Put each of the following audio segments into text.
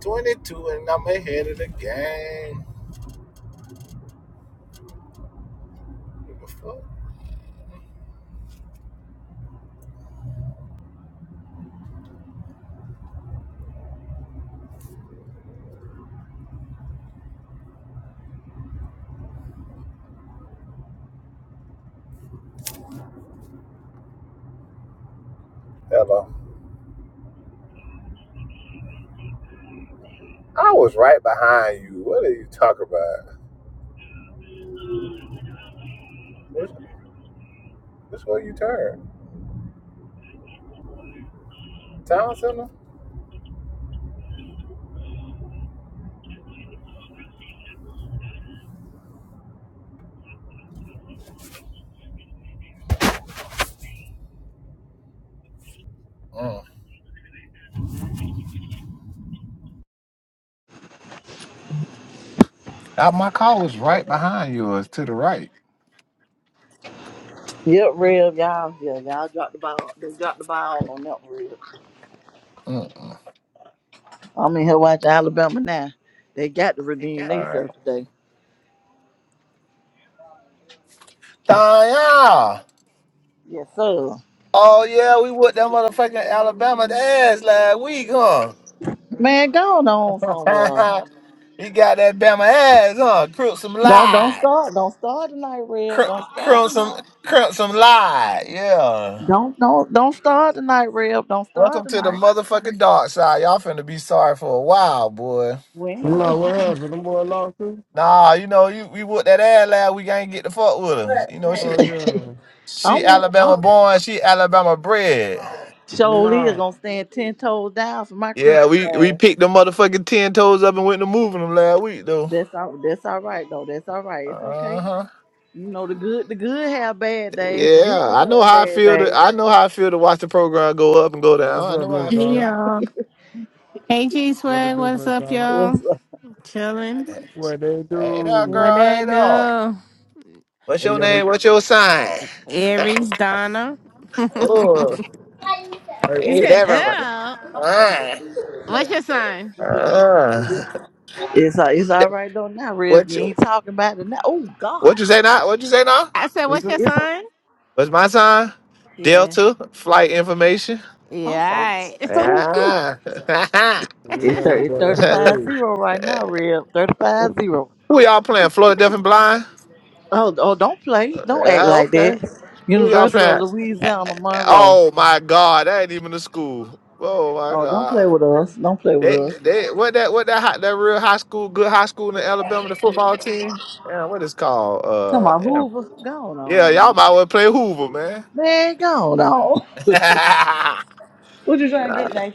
22 and I'm ahead of the game. What the fuck? Hello. I was right behind you. What are you talking about? Which, which way you turn? Town center? Mm. Uh, my car was right behind yours to the right. Yep, Rev, y'all, yeah, y'all dropped the ball. They dropped the ball on that Rev. Mm-mm. I'm in here watching Alabama now. They got to redeem All right. themselves today. Danya! Yes, sir. Oh, yeah, we whooped that motherfucking Alabama ass last week, huh? Man, go on somewhere. he got that Bama ass, huh? Crip some Don't don't lied. start. Don't start tonight, Rev. Don't Crimp, start crimp some, tonight. crimp some lied. Yeah. Don't don't don't start tonight, Rev. Don't start Welcome to the tonight. motherfucking dark side. Y'all finna be sorry for a while, boy. We ain't No, gonna. what happened? Them boy lost you? Nah, you know, you we whooped that ass last week. I ain't get the fuck with her. You know, she Oh yeah. she I'm, in- I'm Alabama born, she Alabama bred. surely is Nah. gonna stand ten toes down for my Yeah, Crimson we we side. picked the motherfucking ten toes up and went to moving them last week though. That's all. That's all right though. That's all right. It's Uh okay. huh. You know the good the good have bad days. The good Yeah, ones I know have how I bad feel. To, days. I know how I feel to watch the program go up and go down. What's I up, know how Miss I Hey Dom? feel. y'all. Hey G What to Swag, do, what's Miss up, Dom? y'all? What's up? Chilling. What they Hey, that Where do? girl, hey, that dog. go? What's They your got name? them. What's your sign? Aries Donna. Oh. Hey, you Ain't said, that right. oh, Ah, what's your sign? ah. It's uh, it's all right though now, Rev. what You you ain't talking about it now. Oh God, what you say now? What you say now? I said, it's what's a, your it's a, sign? What's my sign? Yeah. Delta flight information. I'm so Yeah, all stupid. Ah. It's man, thir- that right. it's boy that thirty five crazy. zero right now, Rev. Thirty five zero. Who y'all playing? Florida Deaf and Blind? Oh oh, don't play. Don't Yeah, act like okay. that. Who y'all University of playing? Louisiana Monroe. Oh my God, that ain't even a school. Oh my Oh, don't play God. with us. Don't play with They us. they what that what that high, that real high school good high school in Alabama the football team? Yeah, what is called? Come Uh, on, damn. Hoover. Go yeah, on, y'all man. might want to play Hoover, man. Man, go on. G what you trying to get, Nate?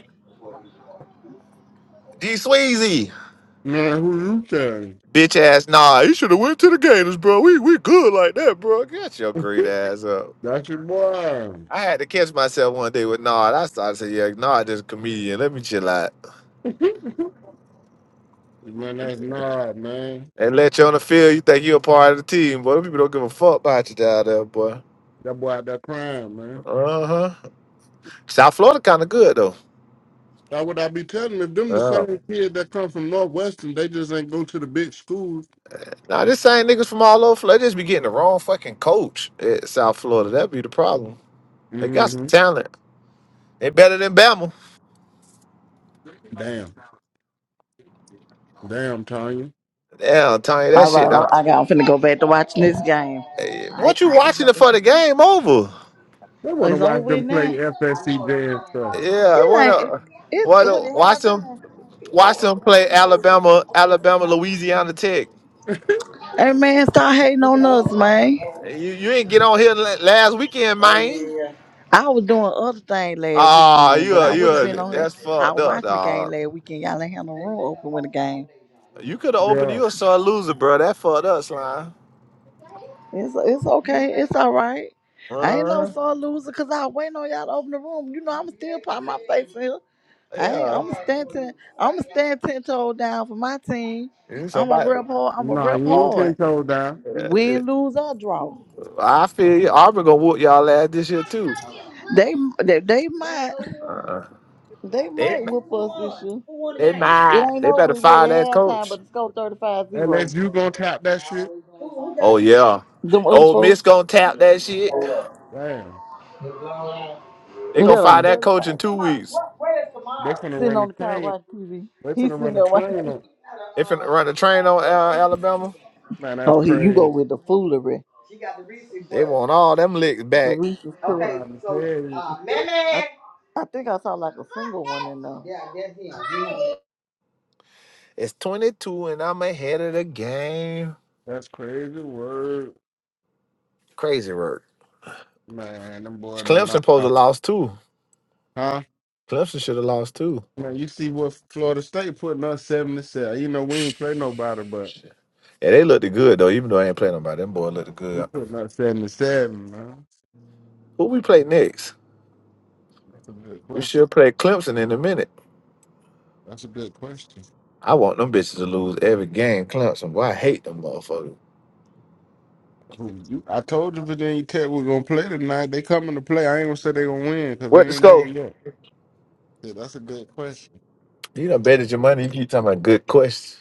Sweezy. Man, who you telling? Bitch ass, nah, you should have went to the Gators, bro. We we good like that, bro. Get your great ass up. That's your boy. I had to catch myself one day with Nard. I started saying, yeah, Nard just a comedian. Let me chill out. man, that's not man. And let you on the field, you think you're a part of the team, boy. Them People don't give a fuck about you down there, boy. That boy out there crying, man. Uh-huh. South Florida kind of good, though. That's what I be telling them. Them the Oh. same kids that come from Northwestern. They just ain't go to the big schools. Now, this same niggas from all over Florida just be getting the wrong fucking coach at South Florida. That'd be the problem. They Mm got some hmm talent. They better than Bama. Damn, damn, Tanya. Damn, Tony, that All shit. right, all Uh, right, I'm finna go back to watching this game. eh, I what you I watching jump. it in. for the game over? They Oh, wanna It's over watch them with play now. FSCJ and stuff. Yeah, what It ain't. up? It's What what it up? Watch them. halftime. Watch Oh, them play Alabama, Alabama, Louisiana Tech. hey man start hating on us, man. You you ain't get on here la- last weekend, Oh man. yeah. yeah. I was doing other things last Ah, weekend, you but a, I you would have a, been on here. that's I fucked was up, watching the game dog. last weekend. Y'all ain't had no room open when the game. You could have opened Yeah. you a sore loser, bro. That fucked up, slime. It's it's okay. It's all right. I ain't no Uh, sore loser because I waiting on y'all to open the room. You know I'm still pop my face in here. I yeah. I'm gonna stand ten. I'm gonna stand ten toes down for my team. You I'm a Somebody, rep hard. I'm a Nah, rep you ain't hard. ten toes down. Yeah, it- Win, lose or draw, I feel you. Auburn gonna whoop y'all ass this year too. they they, they might Uh, they might whip us this year. They might. It ain't They over better yet at fire that halftime, but coach. the score 35-0. Unless you gonna tap that shit. Oh yeah. Them other Old folks. Miss gonna tap that shit. Damn. yeah, They They gonna fire finna that coach in 35. two weeks. they finna Sitting run the on the couch train. watching TV. They He's finna sitting run the there watching. train TV. on They finna run the train on uh, Alabama. man, that's Oh, here you go crazy. with the foolery. They want all them licks The back. Reese's too. I'm Okay, trying to so tell uh, you. I, Meme. I think I saw like a single one in there. Yeah, that's him. It's 22 and I'm ahead of the game. That's crazy word. Crazy work. Man, them boy done Clemson knocked supposed to out. lost too. Huh? Clemson should have lost too. Man, you see what Florida State putting up seventy seven. You know we ain't play nobody, but Yeah, they looked good though, even though I ain't playing nobody. Them boy looked we good. putting up seventy seven, man. Who we play next? That's a good We question. should play Clemson in a minute. That's a good question. I want them bitches to lose every game. Clemson, boy, I hate them motherfuckers. Who- you- I told you Virginia Tech was gonna play tonight. They coming to play. I ain't gonna say they gonna win because What the they ain't over score? yet. Shit, that's a good question. You done betted your money. You keep talking about good questions.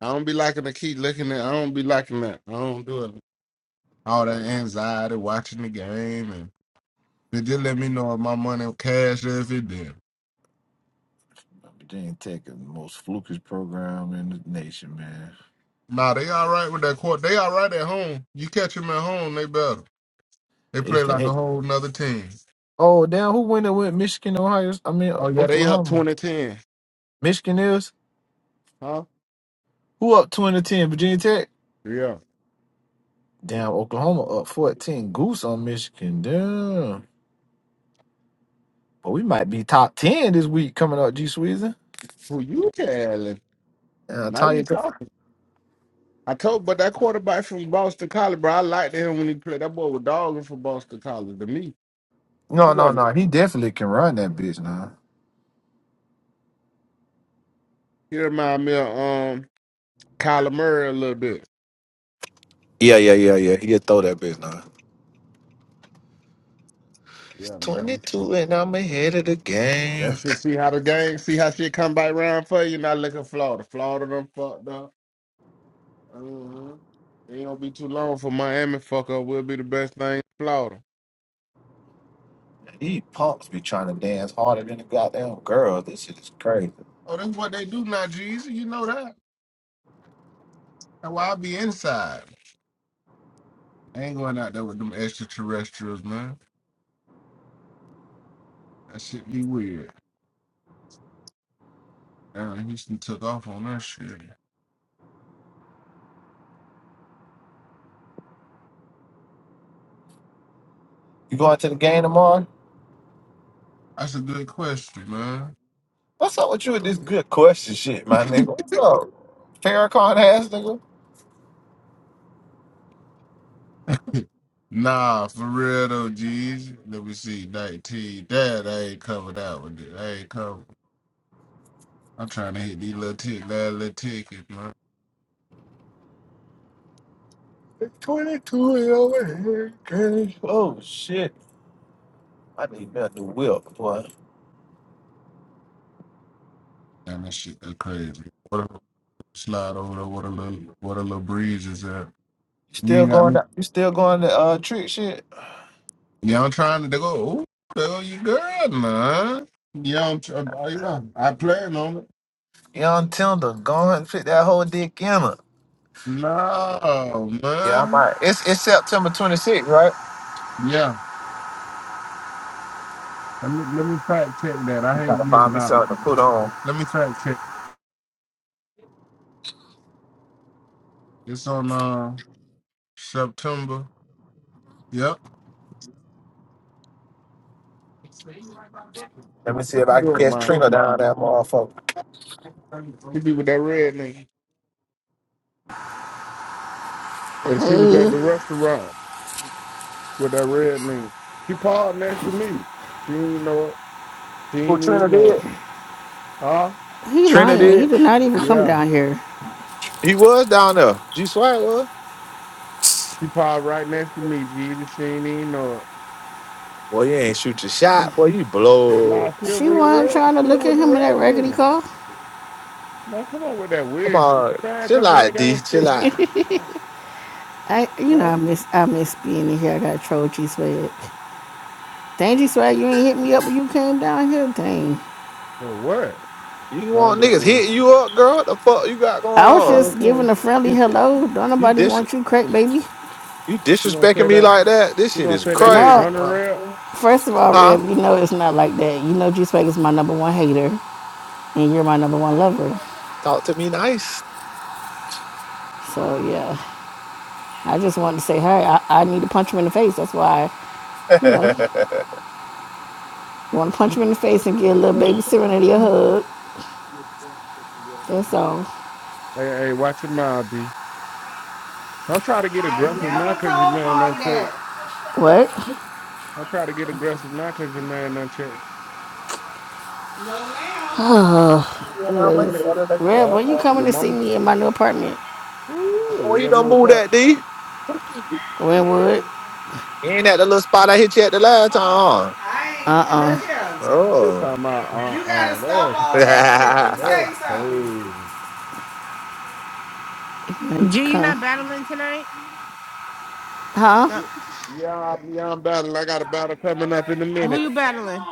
I don't be liking to keep looking at. I don't be liking that. I don't do it. All that anxiety watching the game and they just let me know if my money cash or if it did. Virginia Tech is the most flukish program in the nation, man. Nah, they all right with that court. They all right at home. You catch them at home, they better. They They play used to like a hate. whole nother team. Oh, damn, who winning with Michigan, Ohio? I mean, Oh yeah, they up Oklahoma. 2010. Michigan is? Huh? Who up 20 to 10? Virginia Tech? Yeah. Damn, Oklahoma up 14. Goose on Michigan. Damn. But we might be top 10 this week coming up, G Sweezer. Who you telling? Uh, Now you Tanya. talking. I told, but that quarterback from Boston College, bro, I liked him when he played. That boy was dogging for Boston College. To me, he No, no, wasn't. no. He definitely can run that bitch now. He reminded me of um Kyler Murray a little bit. Yeah, yeah, yeah, yeah. He'll throw that bitch now. It's Yeah, man. 22 and I'm ahead of the game. That's it. See how the game, see how shit come back round for you. Not looking Florida. Florida done fucked up. hmm Ain't gonna be too long for Miami fuck up. Will be the best thing in Florida. These punks be trying to dance harder than the goddamn girls. This shit is crazy. Oh, that's what they do now, Jeezy. You know that. That's why I be inside. I ain't going out there with them extraterrestrials, man. That shit be weird. Damn, Houston took off on that shit. You going to the game tomorrow? That's a good question, man. What's up with you with this good question shit, my nigga? What's up? Farrakhan ass nigga? Nah, for real though, G's. Let me see, 19. That I ain't covered out with it. I ain't covered. I'm trying to hit these little tick, that little tickets, man. 22 and over here, girl. Oh shit. I need me a new whip, boy. Damn, that shit that crazy. What a slide over there. What a little, what a little breeze is that? You You still ain't got going no. to you still going to uh trick shit? Yeah, I'm trying to go. Oh, there go you girl, man. Yeah, I'm. Tr- I, I plan on it. Young Tinder, go ahead and fit that whole dick in her. No, Yeah, I man. might. It's it's September 26th, right? Yeah. Let me let me fact check that. I hate Gotta find giving me out. something to put on. Let me fact check. It's on uh September. Yep. Let me see What if you I can doing, catch man? Trina down that motherfucker. She be with that red nigga. And she was at the restaurant with that red nigga. She parked next to me. She ain't even know it. She ain't even know it. Huh? He Trina lying. did? He did not even come Yeah. down here. He was down there. G Swag was. She parked right next to me, Jesus. She ain't even know it. Boy, you ain't shoot your shot. Boy, you Nah, blow. she She with the wasn't red. trying to She look at with the him in that red raggedy nigga. car. Man, come on with that Come weird shit. on. Man, Chill cause the out, nigga ain't D. Chill stick this. out. I, you know, I I miss, I miss being in here. I got troll G swag. Dang G swag, you ain't hit me up when you came down here. Dang. For what? You No, I'm want just niggas doing. it. hitting you up, girl? What the fuck you got going I was You know what just on? I'm giving saying? a friendly You, hello. Don't you, nobody dis- want you, crack baby. you You gonna say disrespecting me that? like that? This You shit gonna is say that in crazy. No, front of Huh? Rep? first of all, Huh? Reb, you know it's not like that. You know G swag is my number one hater, and you're my number one lover. Talk to me nice. So yeah, I just wanted to say hi. I, I need to punch him in the face. That's why, you know. Want to punch him in the face and give a little baby Serenity a hug. That's all. Hey, hey, watch your mouth, D. I'm try to get aggressive now because your man unchecked. What? I'm try to get aggressive now because your man unchecked. Anyways, Rev, when you coming Your to see mama, me in my new apartment? Boy, ooh, you your done little move part. that, D. Whenwood? You ain't at the little spot I hit you at the last time. Uh-uh. huh? Yeah, You Oh. talking about, uh-uh, that's, that's crazy. you can G, you not come. battling tonight? Huh? No. Yeah, I'm, yeah, I'm battling. I got a battle coming up in a Who you minute. battling?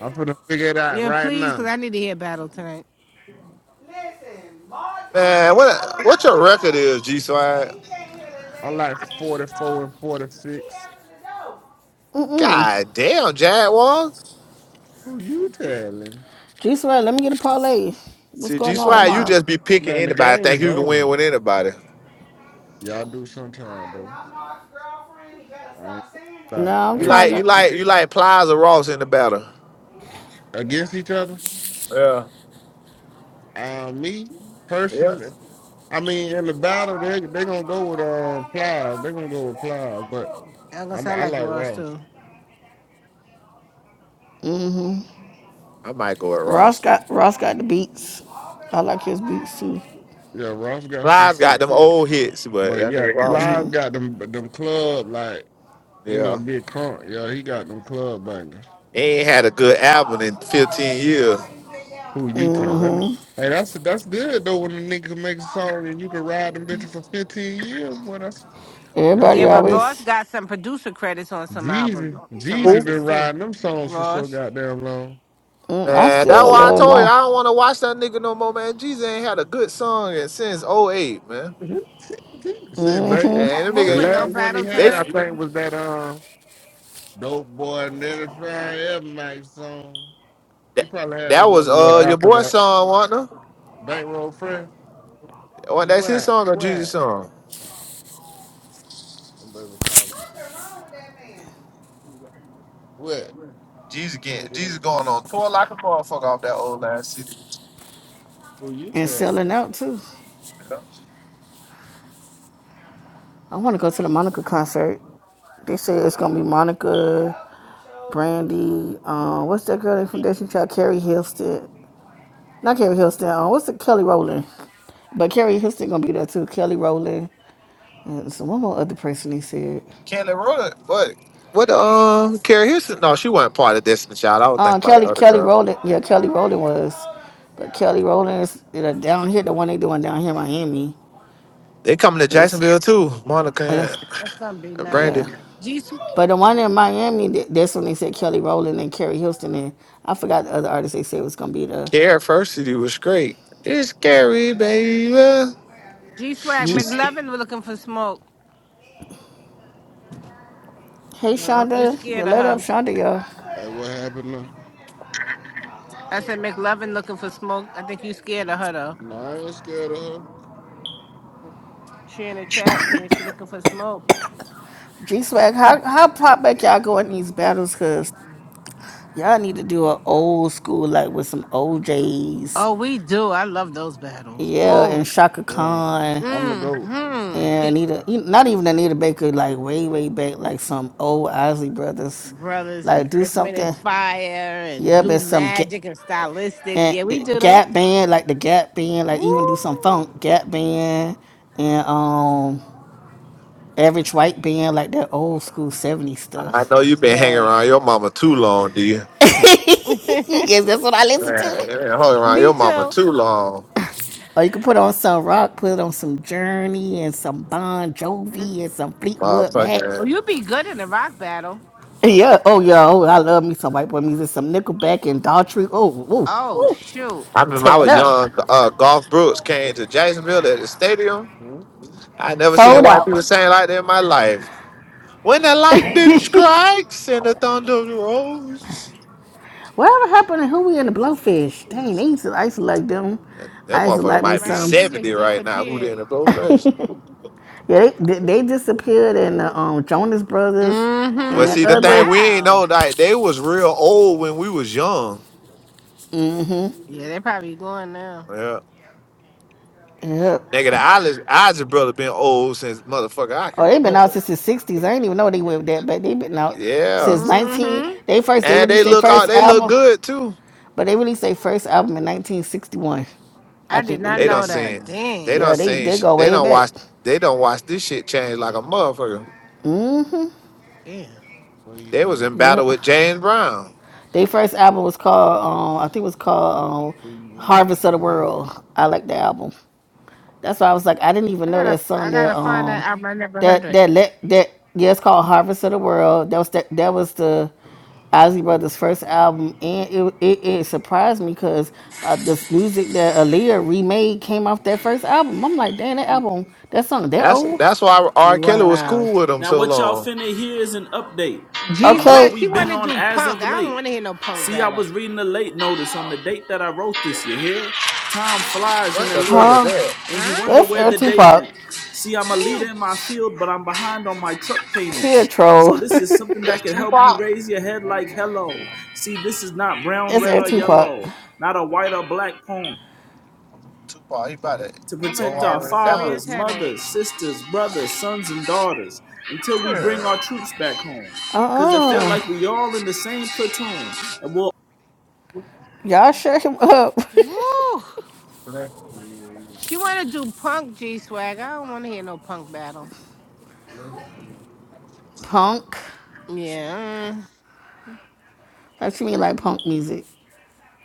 I'm finna figure it out Yeah, right please, because now. I need to hear battle tonight. Man, what what your record is, G Swag? I'm like 44 and 46. Mm-mm. God damn, Jaguars. Who you telling? Juice WRLD, let me get a parlay. What's See, G going on Swag, you tomorrow? just be picking Man, the anybody. Think game's you can win over. with anybody. Y'all do sometime though. I ain't No, sorry. I'm You Hey, trying like to. you like you like Plies or Ross in the battle. against each other. Yeah. Uh, me Yeah. personally, I mean, in the battle, they they gonna go with um Pliers. They gonna go with Pliers, but I'm going to I'm sound I like like Ross, Ross. too. I might go at Ross Ross. got Ross got the beats. I like his beats too. Yeah, Ross got some Plies got shit them too. old hits, but But that yeah, nigga Ross. Pliers got them them club like you know Yeah. big conk. Yeah, he got them club bangers. He ain't had a good album in 15 years. Who you tell? That ni- hey, that's that's good though. When a nigga can make a song and you can ride them bitches for 15 years, boy, that's that's Yeah, Everybody some but shit. Ross always. got some producer credits on some albums, Jeezy, some Who? Jeezy records, been too. riding them songs for so Ross. goddamn long. Mm, I Man, that's still why I love told you my. I don't want to watch that nigga no more, man. Jesus ain't had a good song in- since '08, man. Shit, ba- And them the Hoover, no last nigga, one he battle they had, I tonight? think, was that um "Dope Boy" and everything ever night song. He that, probably had the that one was a little uh your after boy that. song, wasn't it? Bankroll friend, What that's his what, song or Jesus' what? song? Somebody called me. What? Jesus Wanna getting get up? Jesus going on tour like a motherfucker off that old ass city. Who you and tell? selling out too. Yeah. I want to go to the Monica concert. They say it's gonna be Monica, Brandy. Um, what's that girl from Destiny Child? Carrie Hilston. Not Carrie Hilston. Uh, what's the Kelly Rowland? But Carrie Hilston gonna be there too. Kelly Rowland. And so one more other person he said. Kelly Rowland, what? What um Carrie Houston? No, she wasn't part of Destiny Child. I was Uh, thinking about the Kelly other Kelly girl. Rowland. Yeah, Kelly Rowland was. But Kelly Rowland is you know, down here. The one they doing down here in Miami. They coming to It's Jacksonville too, uh, Monica That's gonna be and nice. Brandy. yeah. G But the one in Miami, th- that's when they said Kelly Rowland and Carrie Houston, and I forgot the other artist they said was gonna be the. Carrie first city was great. It's Carrie, baby. G Swag She's McLovin was looking for smoke. Hey No, you Shonda, you scared of let up her. Shonda, y'all. Hey, what happened? Now? I said McLovin looking for smoke. I think you scared of her though. No, I ain't scared of her. She in the chat saying she looking for smoke. G Swag, how how pop back y'all go in these battles? Cause y'all need to do an old school like with some O J's, Oh, we do. I love those battles. yeah, and Oh, Shaka Yeah, Khan I'm the goat. mm-hmm. and Anita, e- not even Anita Baker, like way way back, like some old Ozzy brothers, Brothers like and do Earth, Wind and something. Fire and Yeah, but Blue some. Magic and Stylistics. and Yeah, we it- do them. Gap Band, like the Gap Band, like even do some funk Woo! Gap Band and um Average White Band, like that old school '70s I stuff. know you've been hanging around Yes. your mama too long, do you? Me yes, that's what I listen Man, to. you been hanging around your mama too. too long. Or you can put on some rock, put on some Journey and some Bon Mhm. Jovi and some Fleetwood Mac. Motherfucker. Oh, you'd be good in a rock battle. Yeah, oh yeah, oh I love me some white boy music, some Nickelback and Daughtry. Oh, ooh, Oh ooh, shoot. I remember I tear it was up, young. Uh, Golf Brooks came to Jacksonville at the stadium. Hmm? I never seen fold white people out. sing like that in my life. When the lightning strikes and the thunder rolls, Whatever happened to Huey and the Blowfish? Dang, they used to, isolate them. that I used to motherfucker like Yeah, me might be right. some. They seventy just right now. Who disappeared. didn't blow first? yeah, they they disappeared, and the um, Jonas Brothers and But the see, the Mm-hmm. thing other. we ain't Wow. know like they was real old when we was young. Yeah, they're probably going now. Yeah, Yeah. nigga, the Isaac, Isaac brother been old since motherfucker I can Oh, they've been out remember. since the '60s. I didn't even know they went that back. They've been out Yeah, since 19. Mm-hmm. They first they and they released their look first all, They look album, good too. but they released their first album in 1961. I I did think they not They did. don't Where know you seen. that. going? They Dang. don't Yeah, they seen. they sh- go They way don't back. watch. They don't watch this shit change like a motherfucker. Damn. Where you They was going? in Yeah. battle with James Brown. Their first album was called, um, I think it was called um, Where you Harvest of the World. I like the album. That's why I was like, I didn't even I know gotta that song I gotta that find that um album. I never heard that it. that let that yeah, it's called Harvest of the World. That was that that was the Ozzy Brothers' first album, and it it, it surprised me because uh, this music that Aaliyah remade came off that first album. I'm like, damn, that album, that song, that That's old. that's why R. Kelly was Wow. cool with him Now, so what y'all long. finna hear is an update G on what Swag, Okay, she we've been wanna on do as punk. of I late. don't wanna hear no punk See, I was battle. reading the late notice on the date that I wrote this, you hear? Time flies in What a the fuck leer, is huh? that? and Huh? you wonder That's where Air the day Tupac. went. See, I'm a leader Woo. in my field, but I'm behind on my truck Here, payments. So troll. this is something That's that can Tu- help you raise your head like hello. going? See, this is not brown, That's red, Air or Tupac. yellow, not a white or black poem Tupac. He about to to I'm about go to protect all have our the a way down. serious fathers, headache. mothers, sisters, brothers, sons, and daughters until we bring our Sure. troops back home. Because I feel Uh-uh. like we all in the same platoon and we're Y'all shut him up. Woo. Bless you. She wanna do punk G Swag. I don't wanna hear no punk battle. Bless you. punk. Yeah. mm, What you mean like punk music?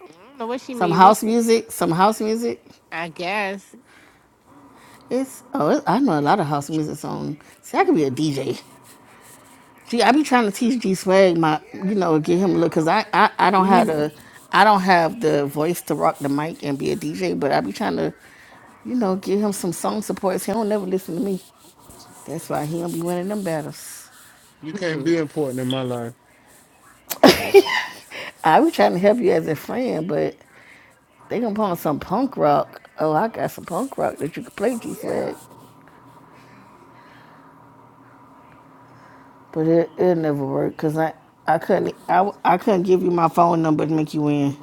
I don't know what she Some mean. What's house music? Some house music? I guess. It's oh, it, I know a lot of house music songs. See, I could be a DJ. Gee, I be trying to teach G Swag my, you know, get him a look, cause I, I, I don't have You- the, I don't have the voice to rock the mic and be a DJ, but I be trying to, you know, give him some song supports. He don't never listen to me. That's why he don't be winning them battles. You can't Mhm. be important in my life. I be trying to help you as a friend, but They gonna put on some punk rock. Oh, I got some punk rock that you could play, G Swag. But it it never worked because I I couldn't I, I couldn't give you my phone number to make you in.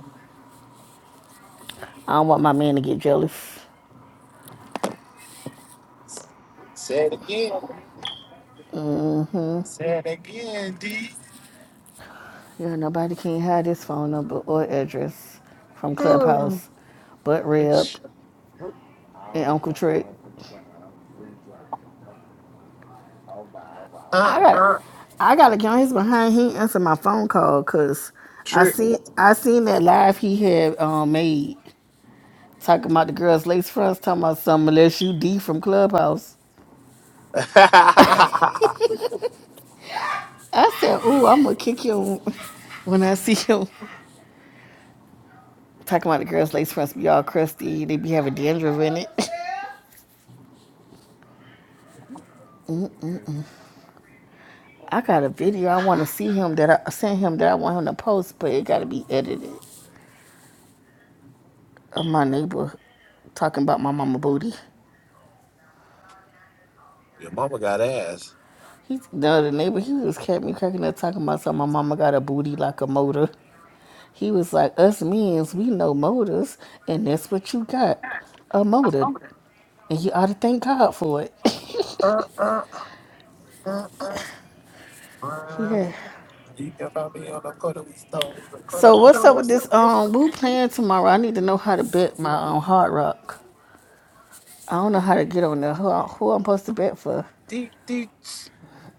I don't want my man to get jealous. Say it again. Say it again, D. Yeah, nobody can hide his phone number or address from Clubhouse, but Reb Ow, and Uncle wow, Trick. wow, wow, wow, wow, wow. Uh I got uh. I got to get on his behind. He answered my phone call because I Trick. see I seen that live he had um, made. Talking about the girls' lace fronts, talking about something unless you D from Clubhouse. I said, ooh, I'm gonna kick him when I see him." Talking about the girls' lace fronts be all crusty, they be having dandruff in it. I got a video I want to see him that I sent him that I want him to post, but it gotta be edited. Of my neighbor talking about my mama booty. Your mama got ass. He, no, the neighbor, he was kept me cracking up talking about something. My mama got a booty like a motor. He was like, us men's, we know motors, and that's what you got, a motor. And you ought to thank God for it. Uh, yeah. You can find me on the corner with stones. The corner So with stones. what's So up with what's this up, Miss? um we playing tomorrow? I need to know how to bet my um hard rock. I don't know how to get on there. Who, I- who I'm supposed to bet for? Deet, deet,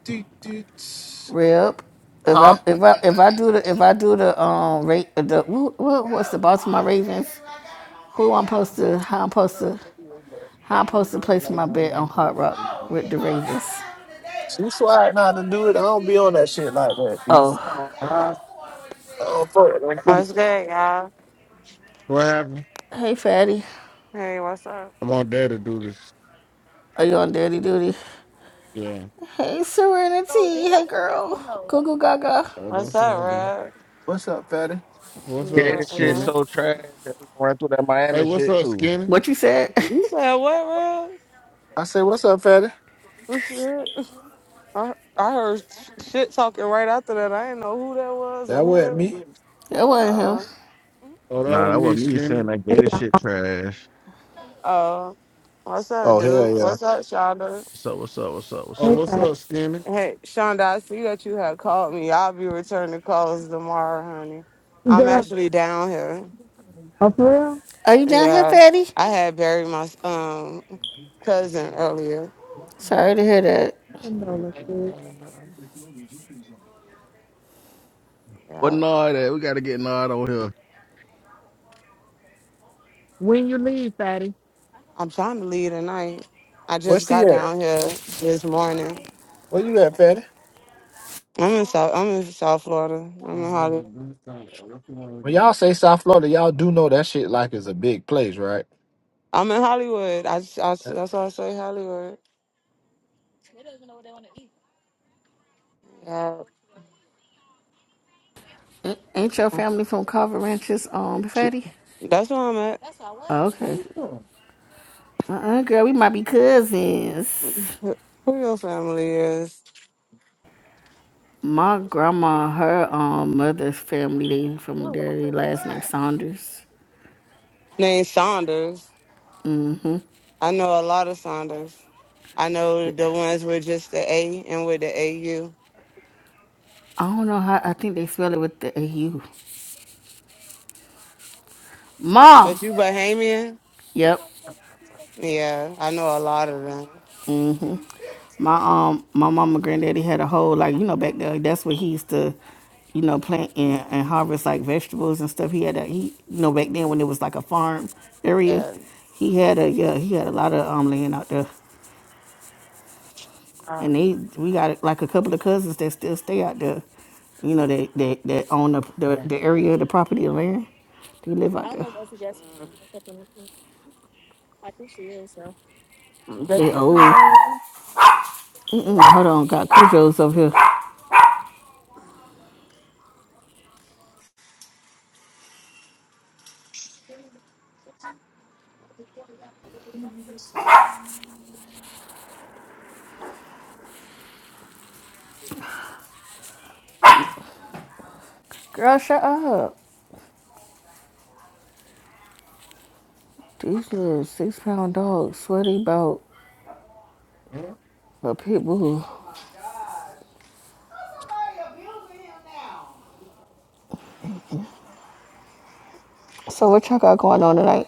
deet, deet. Rep. If Huh? I if I if I do the if I do the um rate the who, who, what's the Baltimore Ravens? Who I'm supposed to how I'm supposed to how I'm supposed to place my bet on Hard Rock with the Ravens? She's swag not to do it. I don't be on that shit like that, B. Oh. Ah, Oh, What's good, y'all? What happened? Hey, fatty. Hey, what's up? I am want there to do this. Are you on daddy duty? Yeah. Hey, Serenity. What's Hey, girl. Cuckoo Gaga. Oh, don't say up, nothing. Rob? what's up, fatty? You What's Yeah, up, this not- you shit Skinny? not- so trash that we can run through that Hey, Miami what's shit up, too. Skinny? What you said? you said what, Rob? I say, what's up, fatty? What shit? I, I heard sh- shit talking right after that. I didn't know who that was or That who wasn't that me. was. that wasn't him. Uh, Oh, that Nah, was that me, wasn't me saying Skinny. that Gator shit trash. uh, what's up, Oh, dude? hell yeah. What's up, Shonda? What's up? What's up? What's up? What's Oh, Hey, what's up, Skinny? Hey, Shonda, I see that you have called up? me. I'll be returning calls tomorrow, honey. I'm girl, actually down here. oh, for real? Are you down here, Yeah, Fatty? I had buried my um cousin earlier. Sorry to hear that. Condolences. What Yeah, Nard at? We gotta get Nard on here. When you leave, Fatty? I'm trying to leave tonight. I Where just she got at? down here this morning. Where you at, fatty? I'm in South. I'm in South Florida. I'm in This woman Hollywood. do something. What you want to When do? y'all say South Florida, y'all do know that shit like it's a big place, right? I'm in Hollywood. I, s- I s- that's why I say Hollywood. Yeah, A- Ain't your family from Carver Ranches, um, Fatty? that's where I'm at. Oh, What okay. you doing? Uh-uh, girl. We might be cousins. Who who your family is? My grandma, her um mother's family, they from there. They last name Saunders. Named Saunders. I know a lot of Saunders. I know the ones with just the A and with the AU. I don't know how. I think they spell it with the AU. Ma. But you Bahamian? Yep. Yeah, I know a lot of them. My um my mama and granddaddy had a whole like, you know, back there that's where he used to, you know, plant and, and harvest like vegetables and stuff. He had a he you know, back then when it was like a farm area, Yeah. he had a yeah, he had a lot of um land out there. Uh, And they we got like a couple of cousins that still stay out there, you know, that that, that own the, the Huh? the area the property of land. They live out there. Are They you- old. Mm-mm, hold on, got Cujo's over here. Girl, shut up. These little six pound dogs sweaty about But people, who... so what y'all got going on tonight?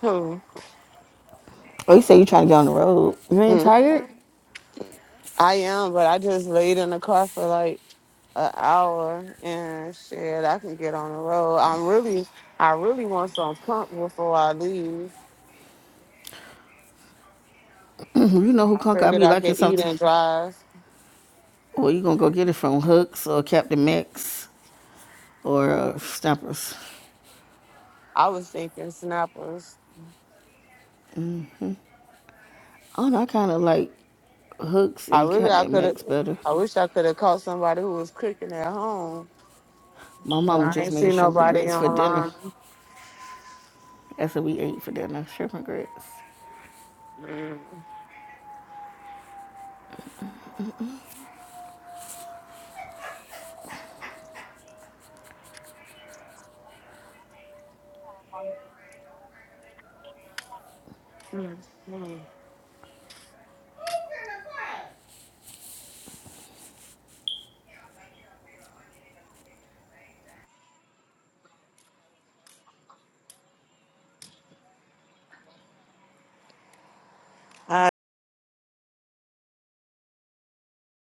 Who? Oh, you say you trying to get on the road. You ain't tired? Mm-mm. I am, but I just laid in the car for like an hour and shit. I can get on the road. I'm really, I really want some pump before I leave. you know who I Conk I figured be I liking could eat something. and drive. Well, you gonna go get it from Hooks or Captain Max or uh, Stompers. I was thinking snappers. I don't know, I kind of like Hooks I and really, I Captain could have. Max better. I wish I could have caught somebody who was cooking at home. My But mama I just ain't see made shrimp and nobody grits for dinner. online. That's what we ate for dinner, shrimp and grits. Mm. Mm. Mm. All